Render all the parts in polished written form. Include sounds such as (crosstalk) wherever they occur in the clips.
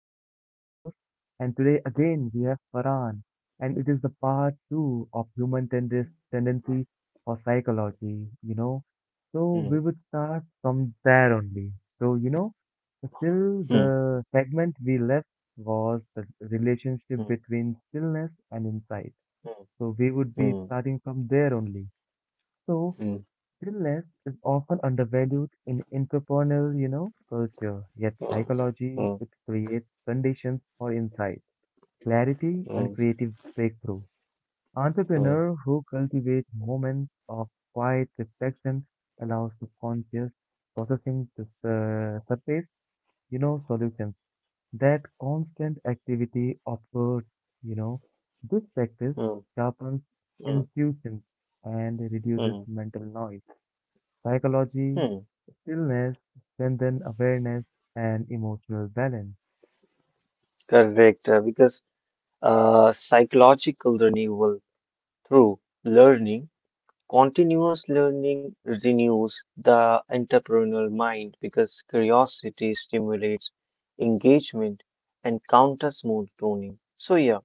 I'm your lovely host, and today again we have Farhan, and it is the part 2 of human tendency or psychology. So, we Mm, would start from there only. So, still mm, the segment we left was the relationship mm, between stillness and insight. mm, So, we would be mm, starting from there only. So, mm, stillness is often undervalued in entrepreneurial, culture, yet psychology, mm, it creates conditions for insight, clarity, mm, and mm, creative breakthrough. mm, Entrepreneurs who cultivate moments of quiet reflection allow subconscious processing to surface, solutions. That constant activity observes, you know, this practice mm, sharpens mm, intuitions and reduces mm, mental noise. Psychology, mm. stillness, strengthen awareness and emotional balance. Correct, because psychological renewal through learning, continuous learning renews the entrepreneurial mind because curiosity stimulates engagement and counters more learning. So yeah.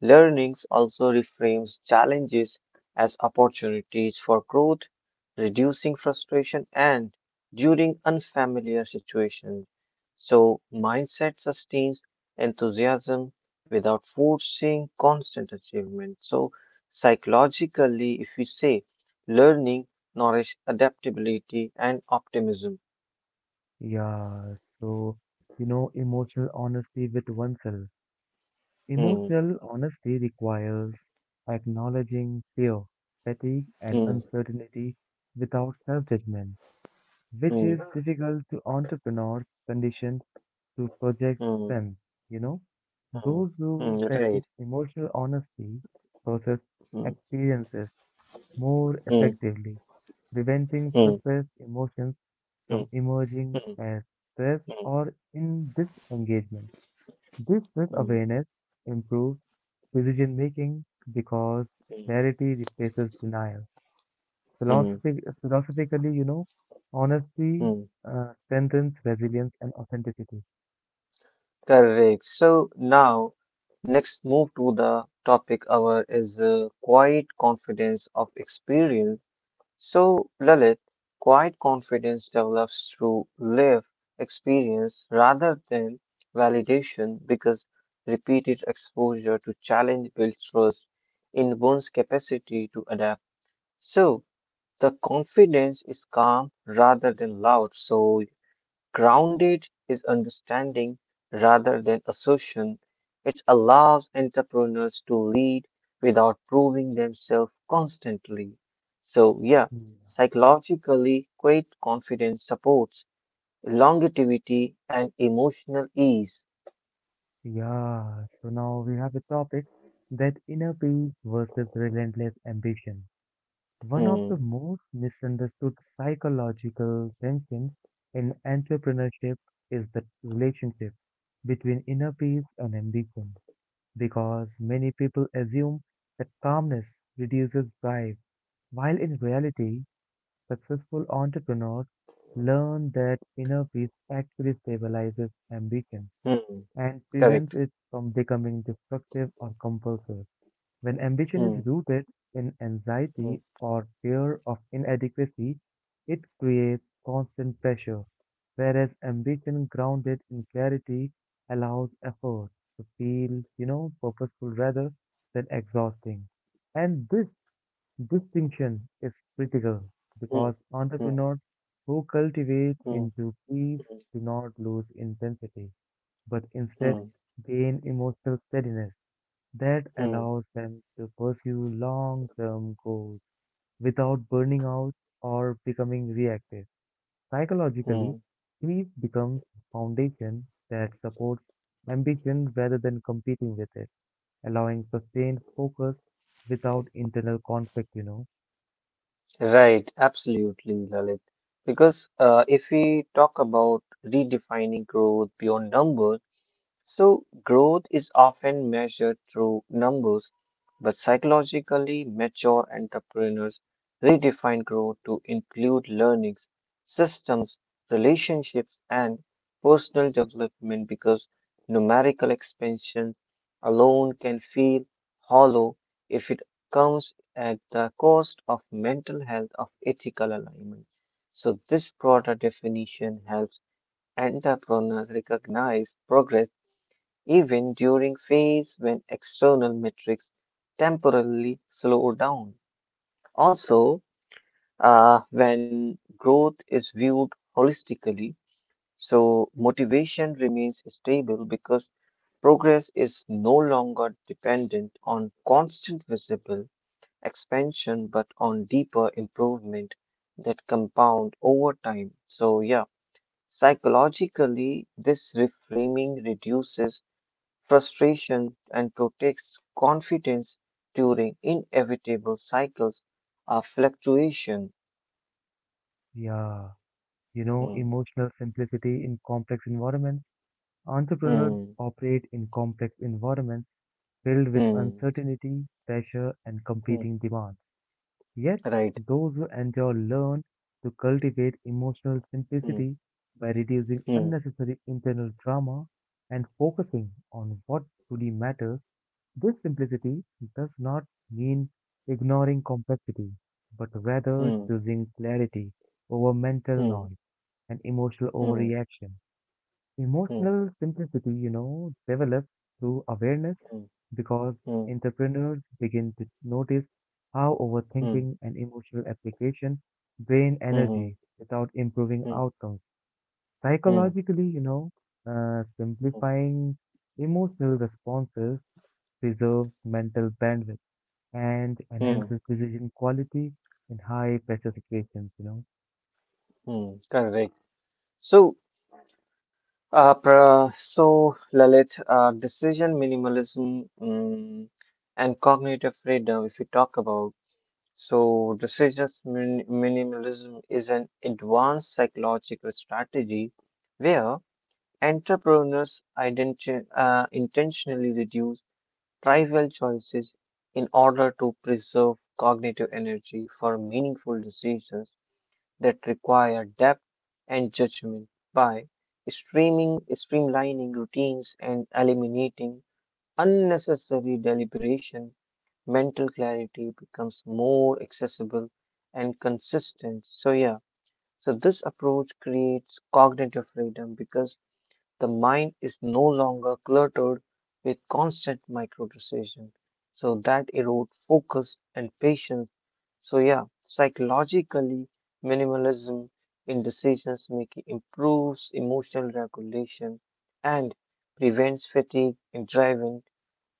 Learnings also reframes challenges as opportunities for growth, reducing frustration and during unfamiliar situations. So, mindset sustains enthusiasm without forcing constant achievement. So, psychologically, if we say learning nourish adaptability and optimism. Yeah, so emotional honesty with oneself. Hmm, Emotional honesty requires acknowledging fear, fatigue, and hmm, uncertainty without self-judgment, which is hmm, difficult to entrepreneurs conditioned to project hmm, strength. You know, hmm, those hmm, who practice right. emotional honesty process Hmm, experiences more hmm, effectively preventing hmm, suppressed emotions hmm, from emerging hmm, as stress hmm. or in disengagement. This Mm, self-awareness improves decision making because mm, clarity replaces denial. mm, Philosophically, honesty mm. Strengthens resilience and authenticity. Correct. So now, next move to the topic our is quiet confidence of experience. So Lalit, quiet confidence develops through lived experience rather than validation because repeated exposure to challenge builds trust in one's capacity to adapt. So the confidence is calm rather than loud. So grounded is understanding rather than assertion. It allows entrepreneurs to lead without proving themselves constantly. So, yeah, Mm. psychologically, great confidence supports longevity and emotional ease. Yeah, so now we have a topic that inner peace versus relentless ambition. One of the Hmm, most misunderstood psychological tensions in entrepreneurship is the relationship between inner peace and ambition, because many people assume that calmness reduces drive, while in reality, successful entrepreneurs learn that inner peace actually stabilizes ambition hmm. and Correct. prevents it from becoming destructive or compulsive. When ambition Hmm, is rooted in hmm, anxiety or fear of inadequacy, it creates constant pressure, whereas ambition grounded in clarity allows effort to feel, purposeful rather than exhausting. And this distinction is critical hmm, because hmm, entrepreneurs who cultivate hmm, into peace hmm, do not lose intensity but hmm, instead gain emotional steadiness that hmm, allows them to pursue long term goals without burning out or becoming reactive. hmm. Psychologically, sleep becomes a foundation that supports ambition rather than competing with it, allowing sustained focus without internal conflict. Right, absolutely, Lalit. Because if we talk about redefining growth beyond numbers, so, growth is often measured through numbers, but psychologically mature entrepreneurs redefine growth to include learnings, systems, relationships, and personal development because numerical expansions alone can feel hollow if it comes at the cost of mental health of ethical alignment. So, this broader definition helps entrepreneurs recognize progress even during phase when external metrics temporarily slow down. Also, when growth is viewed holistically, so motivation remains stable because progress is no longer dependent on constant visible expansion but on deeper improvement that compound over time. So, yeah, psychologically, this reframing reduces frustration and protects confidence during inevitable cycles of fluctuation. Yeah, Hmm, emotional simplicity in complex environments. Entrepreneurs hmm, operate in complex environments filled with hmm, uncertainty, pressure, and hmm, competing demands. Yet, right. those who endure learn to cultivate emotional Hmm, simplicity by reducing hmm, unnecessary internal drama and focusing on what truly matters. This simplicity does not mean ignoring complexity, but rather hmm, choosing clarity over mental hmm, noise and emotional hmm, overreaction. hmm, hmm, Emotional simplicity, develops through awareness because hmm, entrepreneurs begin to notice how hmm, overthinking and emotional application drain hmm, hmm, energy without improving outcomes. hmm, Psychologically, hmm, simplifying emotional responses preserves mental bandwidth and hmm, enhances decision quality in high pressure situations. hmm, correct. So, so Lalit, decision minimalism and cognitive freedom, if we talk about. So, decisions minimalism is an advanced psychological strategy where entrepreneurs intentionally reduce trivial choices in order to preserve cognitive energy for meaningful decisions that require depth and judgment by streamlining routines and eliminating unnecessary deliberation. Mental clarity becomes more accessible and consistent. So, yeah, so this approach creates cognitive freedom because the mind is no longer cluttered with constant micro decision. So, that erodes focus and patience. So, yeah, psychologically, minimalism in decisions making improves emotional regulation and prevents fatigue in driving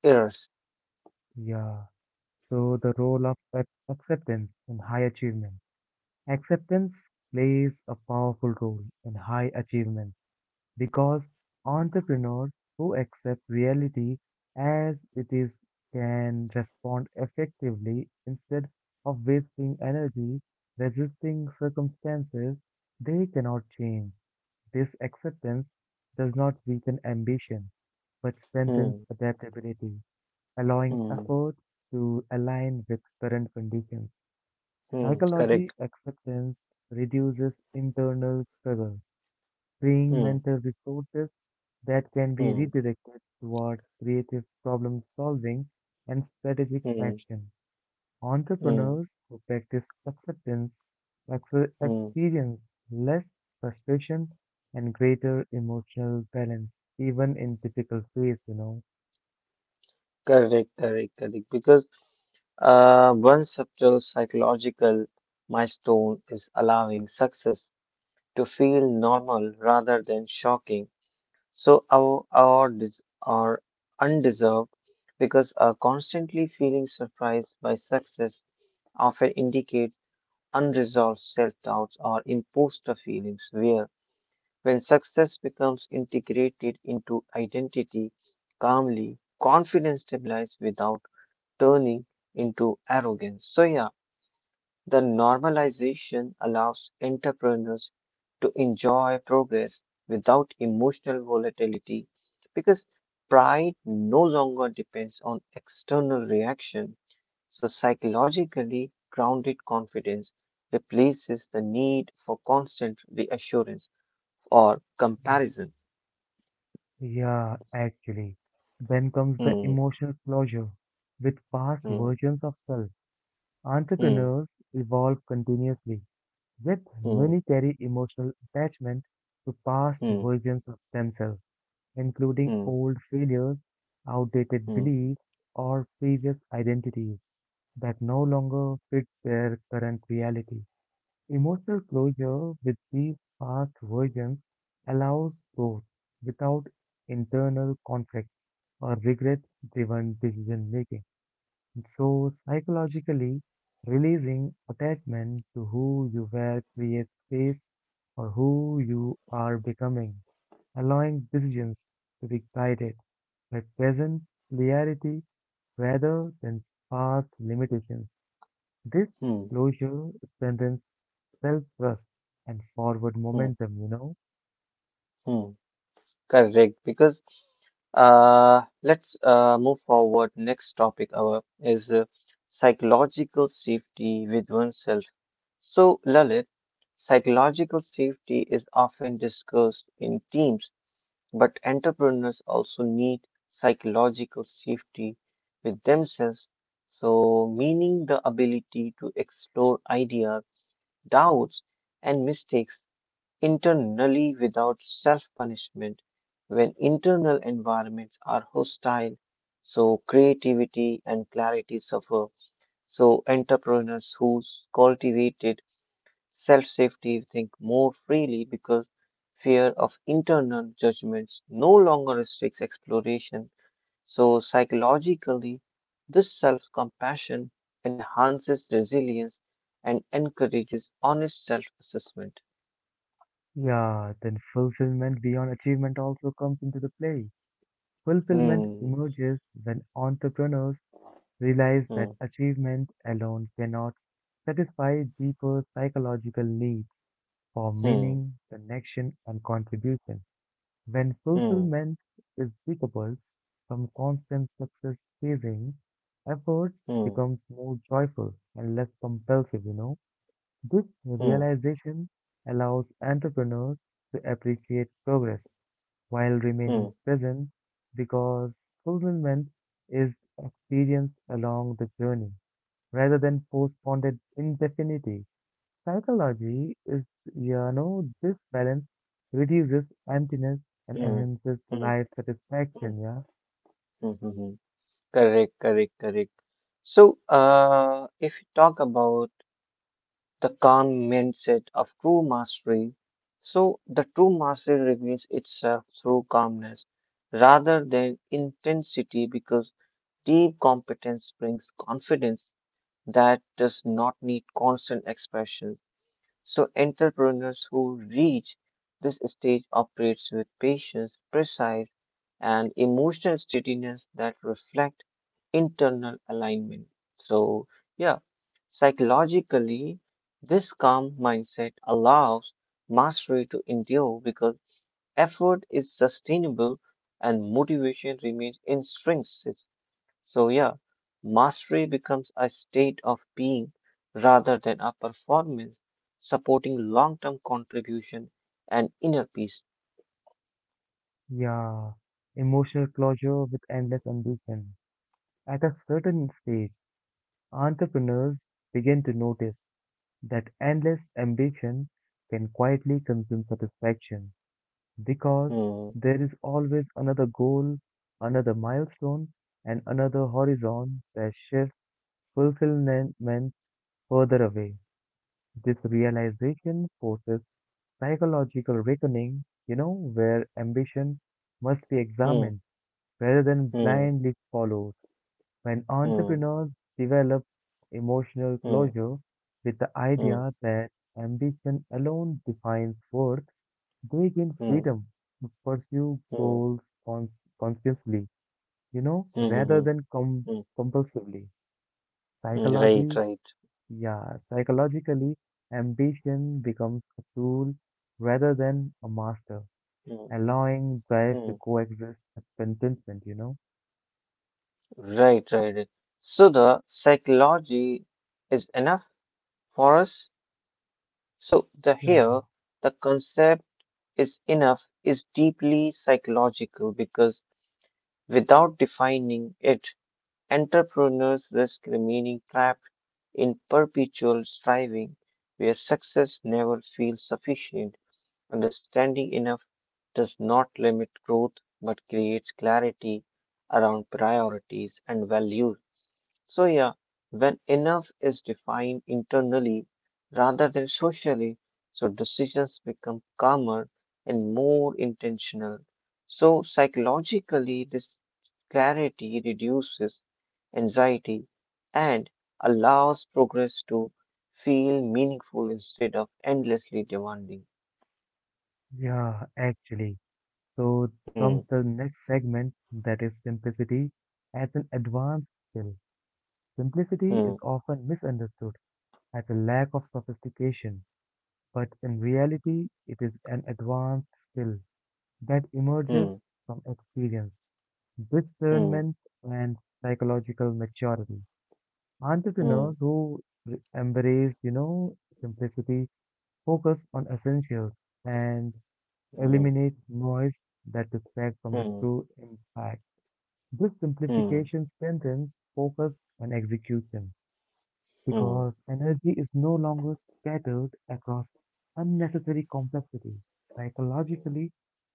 errors. Yeah. So the role of acceptance in high achievement. Acceptance plays a powerful role in high achievements because entrepreneurs who accept reality as it is can respond effectively instead of wasting energy resisting circumstances they cannot change. This acceptance does not weaken ambition but strengthens Hmm, adaptability, allowing hmm, effort to align with current conditions. hmm, correct. Psychology acceptance reduces internal struggle, freeing Hmm, mental resources that can be hmm, redirected towards creative problem solving and strategic hmm, action. hmm, Entrepreneurs who practice acceptance ex- mm. experience less frustration and greater emotional balance, even in difficult phase. Correct, correct, correct. Because one subtle psychological milestone is allowing success to feel normal rather than shocking. So our dis or undeserved, because constantly feeling surprised by success often indicates unresolved self-doubts or imposter feelings, where When success becomes integrated into identity calmly, confidence stabilizes without turning into arrogance. So, yeah, the normalization allows entrepreneurs to enjoy progress without emotional volatility because pride no longer depends on external reaction. So, psychologically grounded confidence replaces the need for constant reassurance or Yeah, comparison. yeah, actually. Then comes the Mm, emotional closure with past mm, versions of self. mm, Entrepreneurs evolve continuously, yet mm, many carry emotional attachment to past mm, versions of themselves, including mm, old failures, outdated mm, beliefs, or previous identities that no longer fit their current reality. Emotional closure with these past versions allows growth without internal conflict or regret driven decision making. So, psychologically, releasing attachment to who you were creates space for who you are becoming, allowing decisions to be guided by present clarity rather than past limitations. This mm, closure strengthens self trust and forward mm, momentum. mm. Correct. Because let's move forward. Next topic our is psychological safety with oneself. So, Lalit, psychological safety is often discussed in teams, but entrepreneurs also need psychological safety with themselves. So, meaning the ability to explore ideas, doubts, and mistakes internally without self punishment. When internal environments are hostile, so creativity and clarity suffer. So entrepreneurs who cultivated self safety think more freely because fear of internal judgments no longer restricts exploration. So, psychologically, this self compassion enhances resilience and encourages honest self assessment. Yeah, then fulfillment beyond achievement also comes into the play. Fulfillment Hmm, emerges when entrepreneurs realize hmm, that achievement alone cannot satisfy deeper psychological needs for hmm, meaning, connection, and contribution. When hmm, fulfillment is decoupled from constant success chasing, efforts hmm, becomes more joyful and less compulsive. This hmm, realization allows entrepreneurs to appreciate progress while hmm, remaining present because fulfillment is experienced along the journey rather than postponed it indefinitely. Psychology is, this balance reduces emptiness and hmm, enhances hmm, life hmm, hmm, satisfaction, yeah? hmm, hmm. Correct, correct, correct. So, if you talk about the calm mindset of true mastery, so the true mastery reveals itself through calmness rather than intensity because deep competence brings confidence that does not need constant expression. So, entrepreneurs who reach this stage operates with patience, precise, and emotional steadiness that reflect internal alignment. So, yeah, psychologically, this calm mindset allows mastery to endure because effort is sustainable and motivation remains intrinsic. So, yeah, mastery becomes a state of being rather than a performance, supporting long term contribution and inner peace. Yeah. Emotional closure with endless ambition. At a certain stage, entrepreneurs begin to notice that endless ambition can quietly consume satisfaction because Hmm, there is always another goal, another milestone, and another horizon that shifts fulfillment further away. This realization forces psychological reckoning, where ambition must be hmm, examined rather than hmm, blindly followed. When hmm, entrepreneurs develop emotional hmm, closure with the hmm, idea that ambition alone defines worth, they gain hmm, freedom to pursue hmm, goals cons- consciously, hmm, hmm, rather hmm, than com- hmm. compulsively. Right, Psychology right. Yeah, psychologically, ambition becomes a tool rather than a master, Hmm, allowing drive to hmm. coexist with contentment. Right, right, right. So, the psychology is enough for us. So, the Yeah, here, the concept is enough is deeply psychological because without defining it, entrepreneurs risk remaining trapped in perpetual striving where success never feels sufficient. Understanding enough does not limit growth but creates clarity around priorities and values. So, yeah, when enough is defined internally rather than socially, so decisions become calmer and more intentional. So, psychologically, this clarity reduces anxiety and allows progress to feel meaningful instead of endlessly demanding. yeah, actually. So Hmm, comes the next segment that is simplicity as an advanced skill. Simplicity is hmm, often misunderstood as a lack of sophistication, but in reality, it is an advanced skill that emerges hmm, from experience, hmm, discernment and psychological maturity. hmm, Entrepreneurs who embrace simplicity, focus on essentials, and hmm, eliminate noise that distracts from the hmm, true impact. This hmm, simplification strengthens focus and execution hmm, because energy is no longer scattered across unnecessary complexity. Psychologically,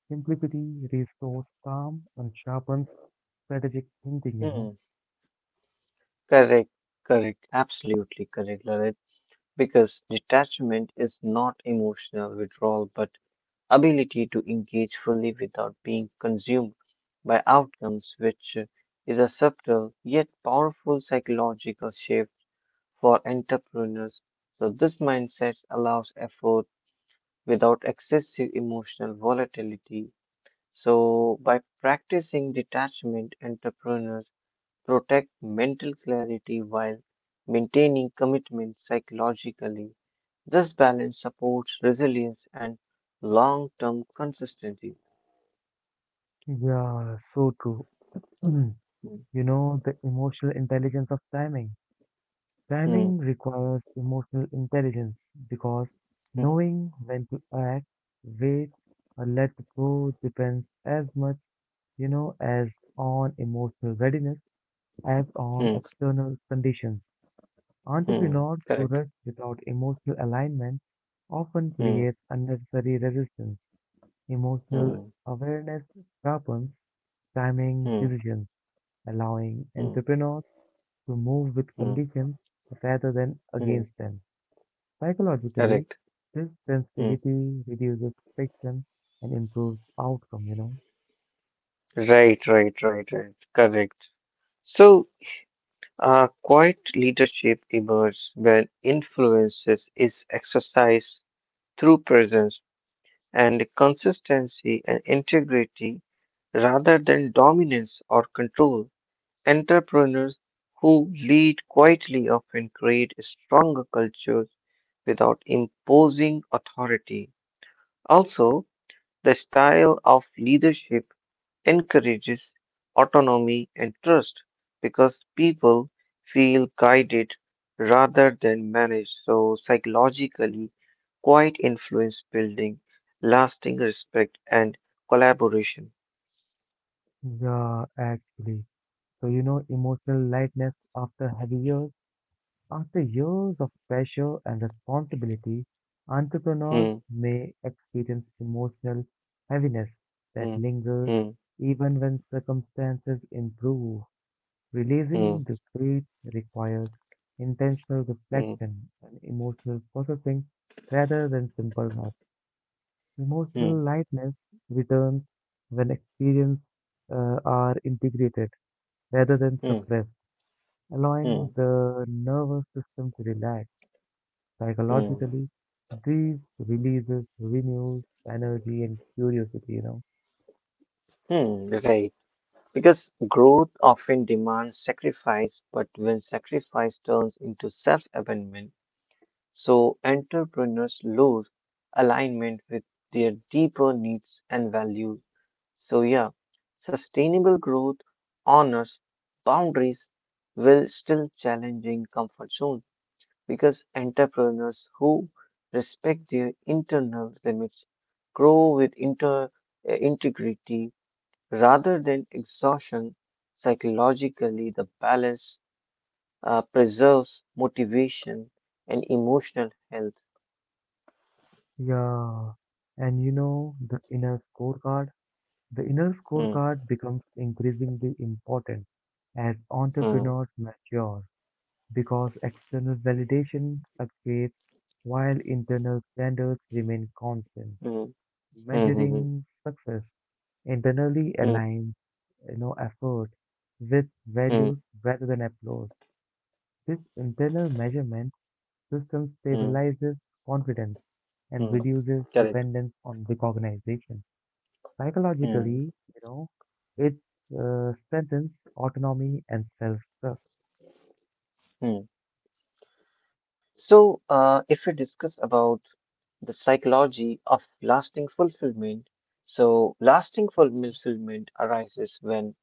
simplicity restores calm and sharpens strategic thinking. hmm. Correct, correct, absolutely correct, Lalit. Because detachment is not emotional withdrawal, but ability to engage fully without being consumed by outcomes, which is a subtle yet powerful psychological shift for entrepreneurs. So this mindset allows effort without excessive emotional volatility. So by practicing detachment, entrepreneurs protect mental clarity while maintaining commitment psychologically. This balance supports resilience and long term consistency. Yeah, so true. (clears throat) Hmm, the emotional intelligence of timing. hmm, Timing requires emotional intelligence because hmm, knowing when to act, wait, or let go depends as much, as on emotional readiness as on hmm, external conditions. hmm, Entrepreneurs who correct. rush without emotional alignment often Hmm, create unnecessary resistance. Emotional hmm, awareness sharpens timing hmm, decisions, allowing hmm, entrepreneurs to move with hmm, conditions rather than hmm, against them. Psychologically, correct. this Hmm. sensitivity reduces friction and improves outcome. Right, right, right, right. Correct. So, quiet leadership emerges when influences is exercised through presence and consistency and integrity rather than dominance or control. Entrepreneurs who lead quietly often create stronger cultures without imposing authority. Also, the style of leadership encourages autonomy and trust because people feel guided rather than managed. So, psychologically, quiet influence building lasting respect and collaboration. Yeah, actually. So, emotional lightness after heavy years, after years of pressure and responsibility, entrepreneurs Hmm, may experience emotional heaviness that hmm, lingers hmm, even when circumstances improve. Releasing hmm, the grief requires intentional hmm, reflection and emotional processing rather than simple math. Emotional hmm, lightness returns when experiences are integrated rather than hmm, suppressed, allowing hmm, the nervous system to relax hmm, psychologically. Grief releases renews energy and curiosity. hmm, right. Because growth often demands sacrifice, but when sacrifice turns into self abandonment, so entrepreneurs lose alignment with their deeper needs and values. So yeah, sustainable growth honors boundaries will still challenging comfort zone because entrepreneurs who respect their internal limits grow with inter integrity rather than exhaustion. Psychologically, the balance preserves motivation and emotional health. Yeah, and you know the inner scorecard. The inner Hmm, scorecard becomes increasingly important as hmm, entrepreneurs mature because external validation fluctuates while internal standards remain constant. hmm, hmm, Measuring success internally hmm, hmm, hmm, aligns effort with hmm, values rather than applause. This internal measurement system hmm, stabilizes confidence and hmm, reduces correct. dependence on recognition. Hmm, Psychologically, it strengthens autonomy and self-trust. hmm. So, if we discuss about the psychology of lasting fulfillment, so lasting fulfillment arises when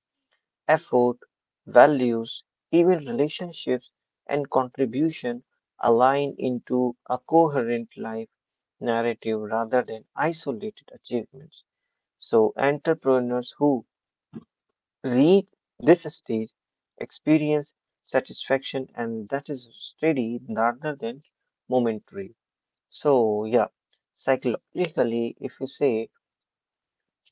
effort, values, even relationships and contribution align into a coherent life narrative rather than isolated achievements. So, entrepreneurs who reach this stage, experience satisfaction, and that is steady rather than momentary. So, yeah, psychologically, if you say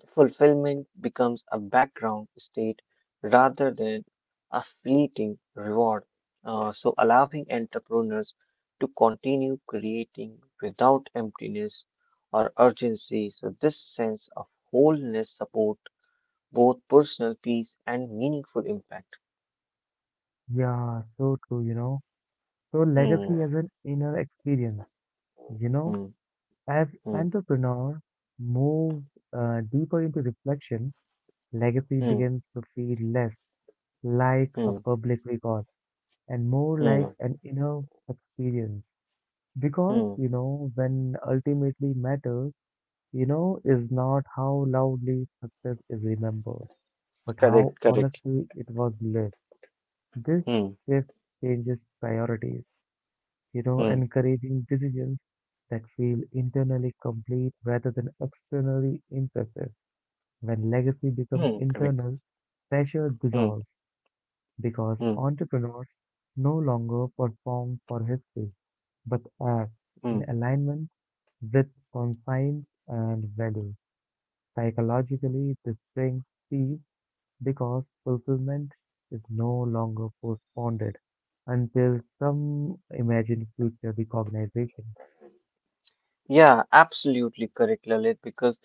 fulfillment becomes a background state rather than a fleeting reward, so allowing entrepreneurs to continue creating without emptiness or urgency. So, this sense of wholeness support both personal peace and meaningful impact. Yeah, so true. So Hmm, legacy as an inner experience, you know, hmm, as hmm, entrepreneur moves deeper into reflection, legacy hmm, begins to feel less like a hmm, public record and more like hmm, an inner experience. Because, mm. When ultimately matters, is not how loudly success is remembered but how Correct, correct. honestly it was lived. This Hmm, shift changes priorities, hmm, encouraging decisions that feel internally complete rather than externally impressive. When legacy becomes hmm, correct. internal, pressure Hmm, dissolves because hmm, entrepreneurs no longer perform for history but act in hmm. alignment with conscience and values. Psychologically, this brings peace because fulfillment is no longer postponed until some imagined future recognition. Yeah, absolutely correct, Lalit, because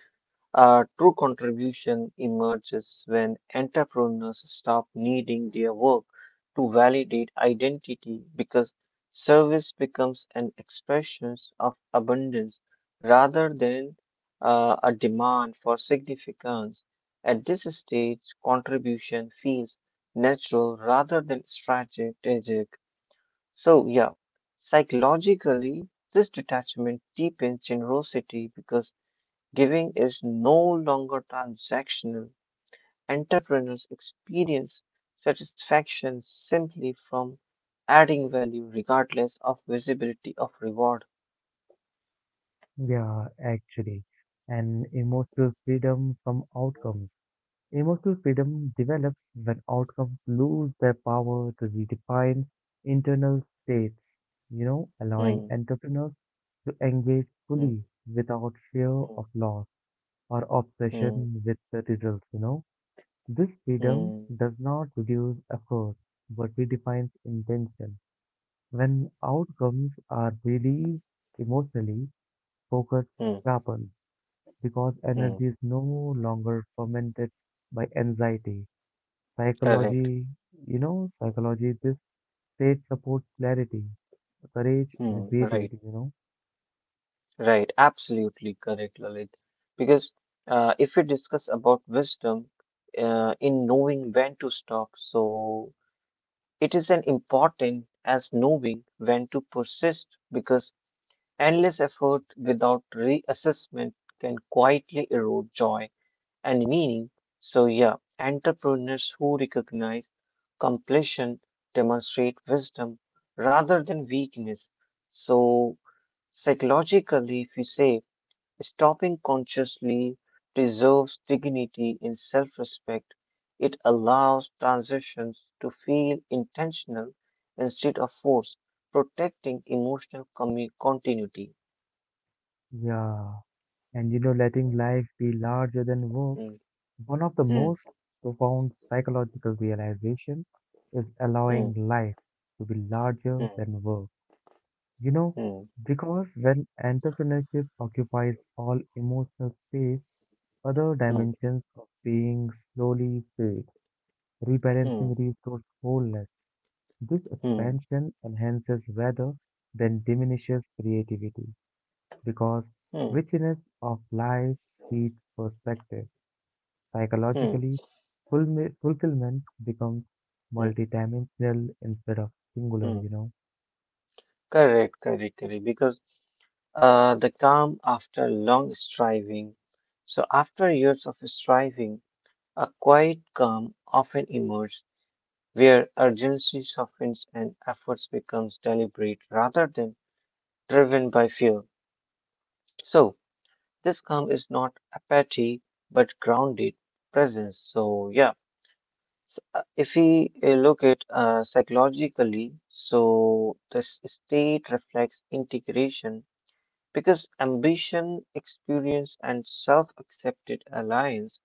a true contribution emerges when entrepreneurs stop needing their work to validate identity because service becomes an expression of abundance rather than a demand for significance. At this stage, contribution feels natural rather than strategic. So, yeah, psychologically, this detachment deepens generosity because giving is no longer transactional. Entrepreneurs experience satisfaction simply from adding value regardless of visibility of reward. Yeah, actually, and emotional freedom from outcomes. Emotional freedom develops when outcomes lose their power to redefine internal states, allowing Hmm, entrepreneurs to engage hmm, fully without fear hmm, of loss or hmm, obsession with the results. This freedom hmm, does not reduce effort but redefines intention. When outcomes are released emotionally, focus hmm, sharpens because hmm, energy is no longer fermented by anxiety. correct. Psychology, psychology, this state supports clarity, courage, and Hmm, right, creativity. right. Absolutely correct, Lalit. Because if we discuss about wisdom in knowing when to stop, so it is an important as knowing when to persist because endless effort without reassessment can quietly erode joy and meaning. So, yeah, entrepreneurs who recognize completion demonstrate wisdom rather than weakness. So, psychologically, if we say stopping consciously preserves dignity and self respect, it allows transitions to feel intentional instead of forced, protecting emotional continuity. Yeah, and letting life be larger than work. Hmm. One of the most profound psychological realizations is allowing life to be larger than work. You know, because when entrepreneurship occupies all emotional space, other dimensions of being slowly fade, rebalancing うんうんうんうんうんうんうんうんうんうんうんcorrect, resource wholeness. This expansion enhances rather than diminishes creativity because richness of life feeds perspective. Psychologically, fulfillment becomes multidimensional instead of singular. correct, correct, correct. Because the calm after long striving, so after years of striving, a quiet calm often emerges where urgency softens and efforts becomes deliberate rather than driven by fear. So this calm is not apathy but grounded presence. So yeah. So, if we look at psychologically, so this state reflects integration because ambition, experience, and self-accepted alliance.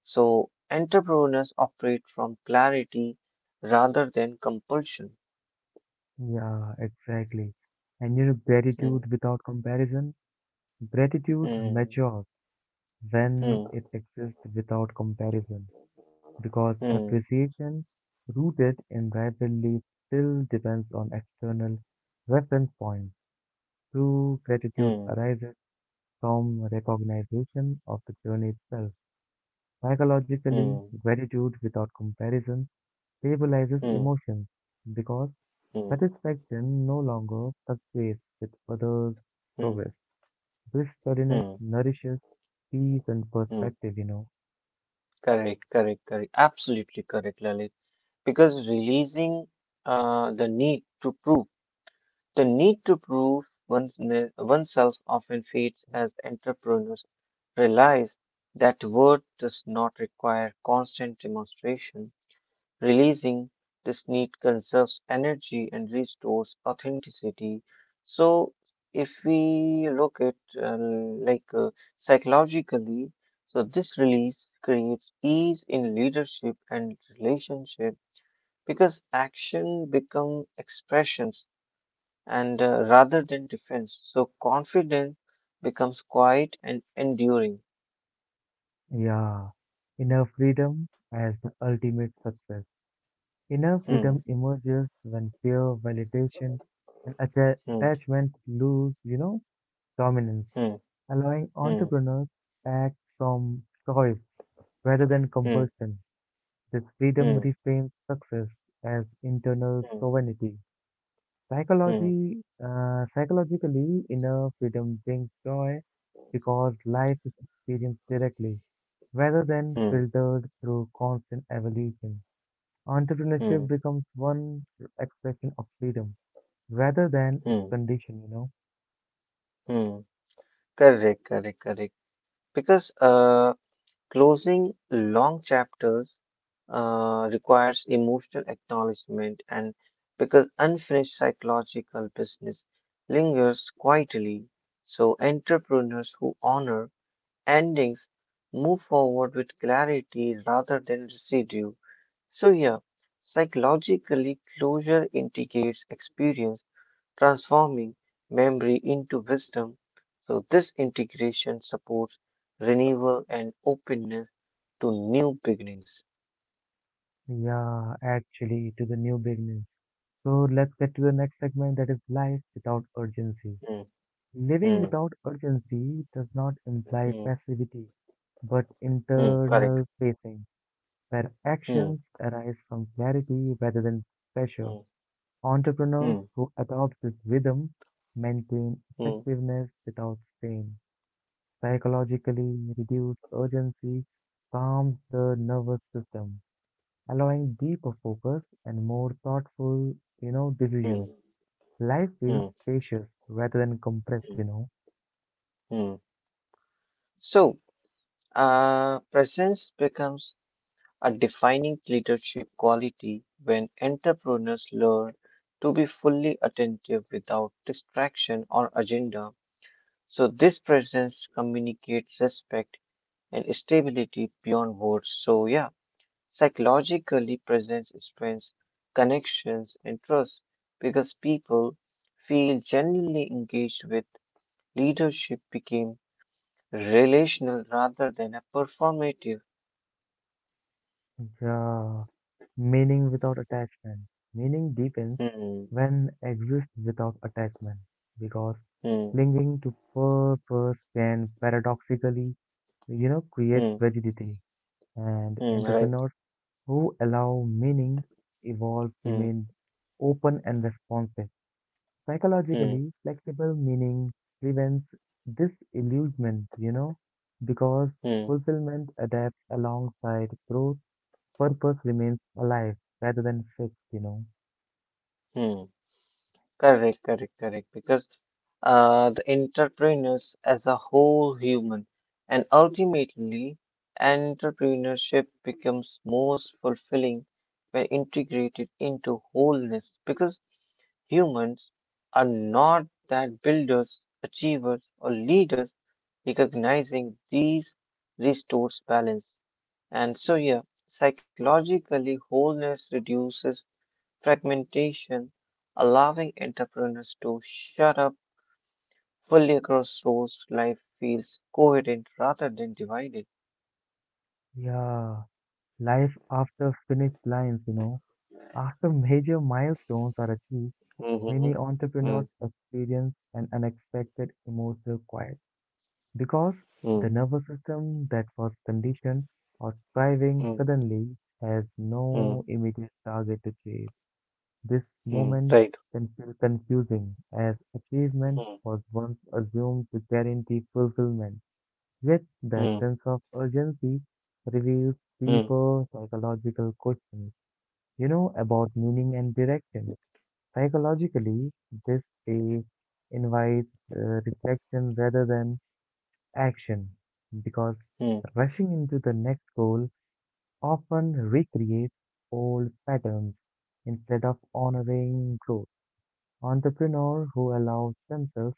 So, entrepreneurs operate from clarity rather than compulsion. Yeah, exactly. And Hmm, gratitude without comparison, gratitude hmm, matures when hmm, it exists without comparison because hmm, appreciation rooted in rivalry still depends on external reference points. True gratitude hmm, arises from recognition of the journey itself. Psychologically, hmm, gratitude without comparison stabilizes hmm, emotions because hmm, satisfaction no longer fluctuates with others' hmm, progress. This steadiness hmm, nourishes peace and hmm. perspective. Correct, correct, correct. Absolutely correct, Lalit. Because releasing the need to prove the need to prove oneself often fades as entrepreneurs realize that worth does not require constant demonstration. Releasing this need conserves energy and restores authenticity. So, if we look at like psychologically, so this release creates ease in leadership and relationship because action become expressions and rather than defense. So confidence becomes quiet and enduring. Yeah, inner freedom as the ultimate success. Inner Hmm, freedom emerges when fear, validation, and atta- hmm, attachment lose, dominance, hmm, allowing hmm, entrepreneurs to act from choice rather than compulsion. This freedom hmm, reframes success as internal hmm, sovereignty. hmm, Psychologically, inner freedom brings joy because life is experienced directly rather hmm, than hmm, filtered through constant evolution. Entrepreneurship hmm, becomes one expression of freedom rather than its hmm, condition. hmm. Correct, correct, correct. Because closing long chapters requires emotional acknowledgement, and because unfinished psychological business lingers quietly, so entrepreneurs who honor endings move forward with clarity rather than residue. So, yeah, psychologically, closure integrates experience, transforming memory into wisdom. So, this integration supports renewal and openness to new beginnings. Yeah, actually, to the new beginnings. So let's get to the next segment that is life without urgency. Mm, Living mm, without urgency does not imply mm, passivity, but mm, correct. internal pacing, where Mm, actions arise from clarity rather than pressure. mm, Entrepreneurs mm, who adopt this rhythm maintain mm, effectiveness without strain. Psychologically, reduced urgency calms the nervous system, allowing deeper focus and more thoughtful mm, decisions. Life feels mm, spacious rather than compressed, you mm, know. mm. So, presence becomes a defining leadership quality when entrepreneurs learn to be fully attentive without distraction or agenda. So, this presence communicates respect and stability beyond words. So, yeah. Psychologically, presence strengthens connections and trust because people feel genuinely engaged with leadership became relational rather than a performative. Yeah. Meaning without attachment. Meaning deepens Hmm, when exists without attachment because hmm, clinging to purpose can paradoxically create hmm, rigidity. And hmm, right. entrepreneurs who allow meaning evolve Hmm, remain open and responsive. hmm, Psychologically, flexible meaning prevents disillusionment, because hmm, fulfillment adapts alongside growth purpose remains alive rather than fixed. hmm. Correct, correct, correct. Because the entrepreneurs as a whole human, and ultimately, entrepreneurship becomes most fulfilling when integrated into wholeness. Because humans are not that builders, achievers, or leaders. Recognizing these restores balance, and so yeah, psychologically wholeness reduces fragmentation, allowing entrepreneurs to shut up fully across roles. Life feels coherent rather than divided. Yeah, life after finish lines. After major milestones are achieved, Mhm. many Mm, entrepreneurs experience an unexpected emotional quiet because the mm, nervous system that was conditioned or thriving mm, suddenly has no mm, immediate target to chase. This mm. moment Right. can feel confusing as achievement Mm, was once assumed to guarantee fulfillment. Yet that mm, sense of urgency reveals mm, deeper psychological questions, about meaning and direction. Psychologically, this phase invites reflection rather than action because mm, rushing into the next goal often recreates old patterns instead of honoring growth. Entrepreneurs who allow themselves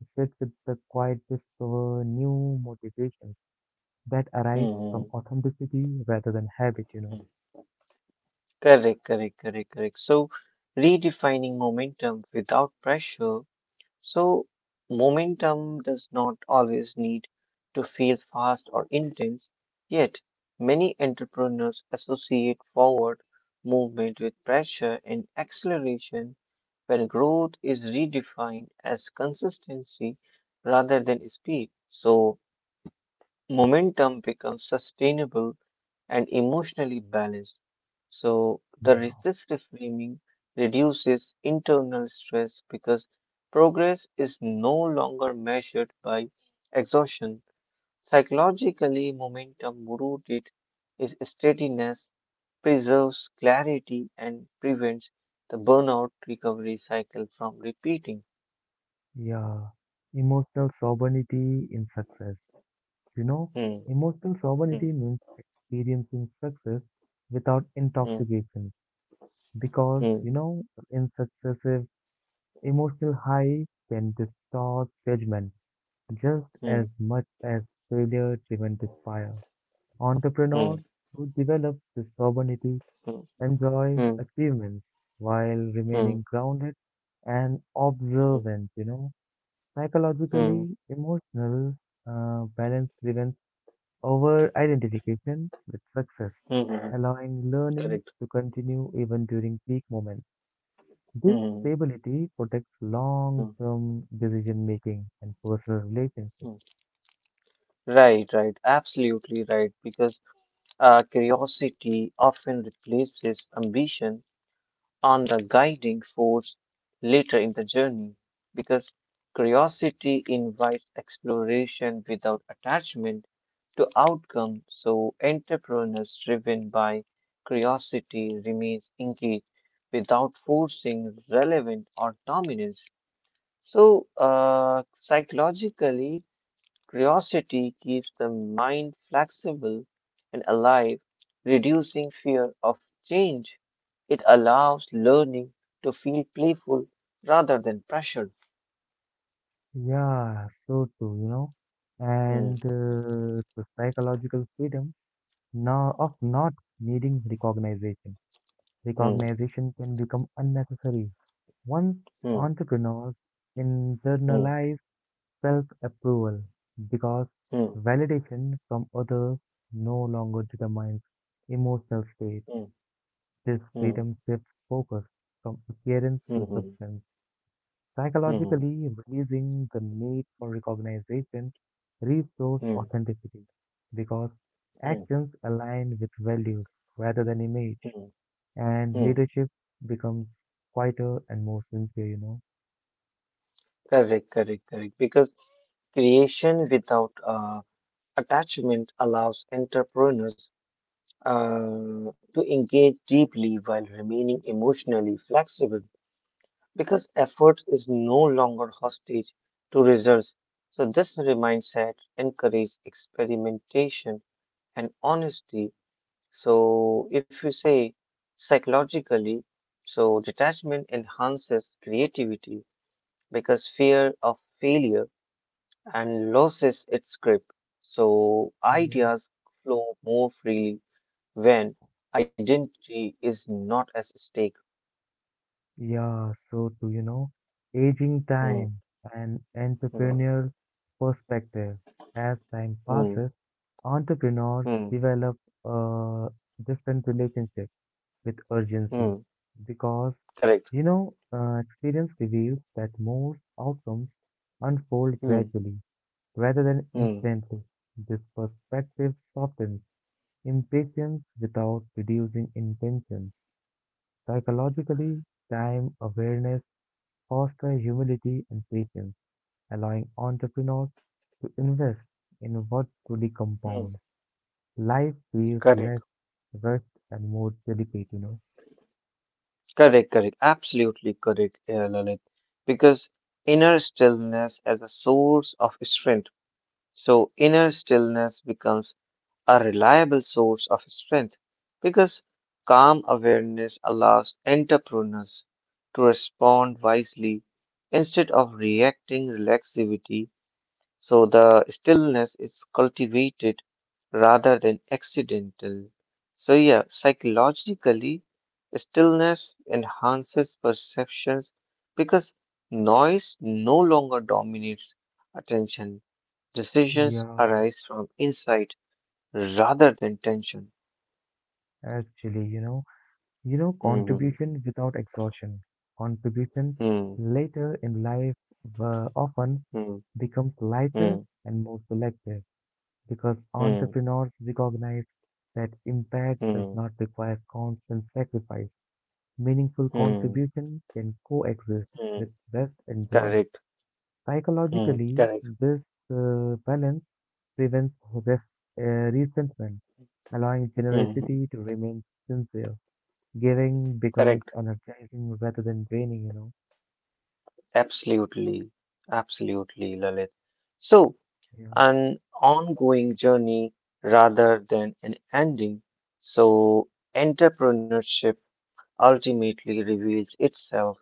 to sit with the quiet discover new motivations that arrive mm, from authenticity rather than habit, you mm. know. Correct, correct, correct, correct. So, redefining momentum without pressure. So, momentum does not always need to feel fast or intense, yet, many entrepreneurs associate forward movement with pressure and acceleration when growth is redefined as consistency rather than speed. So, momentum becomes sustainable and emotionally balanced. So, Yeah, this reframing reduces internal stress because progress is no longer measured by exhaustion. Psychologically, momentum rooted is steadiness, preserves clarity, and prevents the burnout recovery cycle from repeating. yeah. Emotional sovereignty in success. You know, Hmm, Emotional hmm, sovereignty means experiencing success without hmm, intoxication because, hmm, you know, in successive emotional high can distort judgment just hmm, as much as failure driven despair. hmm, Entrepreneurs who develop this sovereignty hmm, enjoy hmm, achievements while hmm, remaining grounded and observant. hmm, hmm, Psychologically, emotional balance prevents over identification with success, hmm, hmm. allowing learning Correct. to continue even during peak moments. This Hmm, stability protects long hmm. term decision making and personal relationships. Hmm. Right, right, absolutely right. Because curiosity often replaces ambition on the guiding force later in the journey. Because curiosity invites exploration without attachment to outcome. So, entrepreneurs driven by curiosity remains engaged without forcing relevant or dominance. So, psychologically, curiosity keeps the mind flexible and alive, reducing fear of change. It allows learning to feel playful rather than pressured. Yeah, so too, you know. Hmm, And the psychological freedom no, of not needing recognition. hmm, Recognition can become unnecessary once hmm, entrepreneurs hmm, internalize self-approval because hmm, validation from others no longer determines emotional state. This hmm, freedom shifts focus from appearance hmm, to hmm, hmm, substance. hmm, Psychologically, releasing the need for recognition restores hmm, authenticity because hmm, actions align with values rather than image, hmm, and hmm. leadership becomes quieter and more sincere. Correct, correct, correct. Because creation without attachment allows entrepreneurs to engage deeply while remaining emotionally flexible, because effort is no longer hostage to results. So, this mindset encourages experimentation and honesty. So, if you say psychologically, so detachment enhances creativity because fear of failure and loses its grip. So, Yeah. ideas flow more freely when identity is not as stake. Yeah, aging Hmm, time and hmm, entrepreneurial perspective. As time hmm, passes, entrepreneurs hmm, develop a different relationship with urgency hmm. because, Correct. you know, uh, experience reveals that most outcomes unfold Hmm. gradually rather than Mm, instantly. This perspective softens impatience without reducing intention. Psychologically, time awareness fosters humility and patience, allowing entrepreneurs to invest in what truly mm, compounds. Life feels less correct, rushed and more delicate. correct, correct, absolutely correct, Lalit. Because inner stillness as a source of strength. So inner stillness becomes a reliable source of strength because calm awareness allows entrepreneurs to respond wisely instead of reacting reflexivity. So the stillness is cultivated rather than accidental. So, yeah, psychologically, stillness enhances perceptions because noise no longer dominates attention. Decisions Yeah. arise from insight rather than tension. Actually, Mhm. contribution without exhaustion. Contribution Hmm. later in life often Hmm. becomes Hmm. lighter and more selective because Hmm. entrepreneurs recognize that impact does Hmm. not require constant sacrifice. Meaningful Hmm. contribution can coexist Hmm. with rest and joy. Correct. Hmm. Psychologically, Correct. this balance prevents rest, resentment, allowing Hmm. Hmm. generosity to remain sincere. Giving becomes Correct. energizing rather than draining. Absolutely, absolutely, Lalit. So, Yeah, an ongoing journey rather than an ending. So, entrepreneurship ultimately reveals itself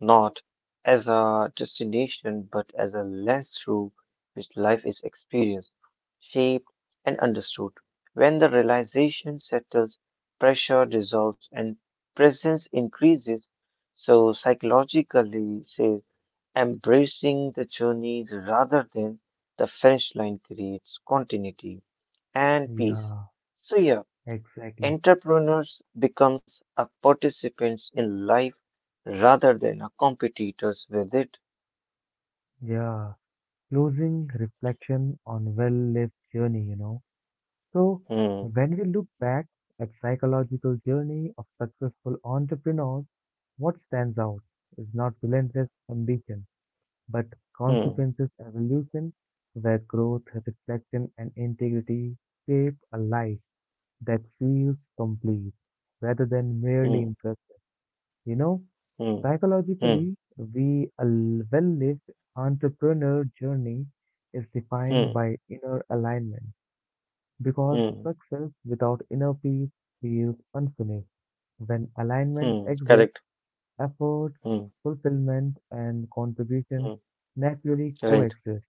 not as a destination but as a lens through which life is experienced, shaped, and understood. When the realization settles, pressure dissolves and presence increases. So, psychologically, says embracing the journey rather than the finish line creates continuity and peace. yeah, So yeah, exactly. entrepreneurs becomes a participants in life rather than a competitors with it. Yeah, Closing reflection on well-lived journey. So Hmm, when we look back at psychological journey of successful entrepreneurs, what stands out is not relentless ambition, but hmm, consequences evolution, where growth, reflection, and integrity shape a life that feels complete rather than merely hmm, impressive. You know, hmm, Psychologically, hmm, we a well-lived entrepreneur journey is defined hmm, by inner alignment because hmm, success without inner peace feels unfinished. When alignment hmm. exists, Correct. efforts, Hmm, fulfillment, and contribution hmm. naturally Right. coexist,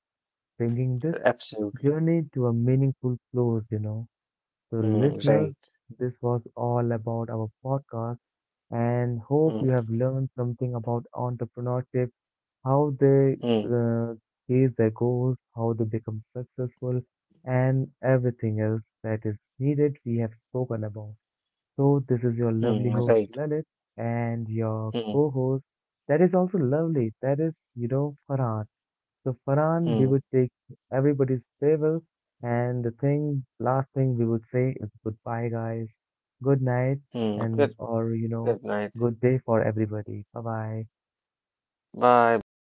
bringing this Absolutely. journey to a meaningful close. So, Hmm, listeners, right. this was all about our podcast and hope Hmm, you have learned something about entrepreneurship how they hmm, uh, chase their goals, how they become successful, and everything else that is needed we have spoken about. So, this is your hmm. lovely Right. host Lalit and your Hmm, co host that is also lovely, that is, Farhan. So, Farhan, we hmm, would take everybody's favor, and the thing, last thing we would say is goodbye, guys, good night, hmm. Good. and or you Good know, night. good day for everybody. Bye bye. Bye, buddy.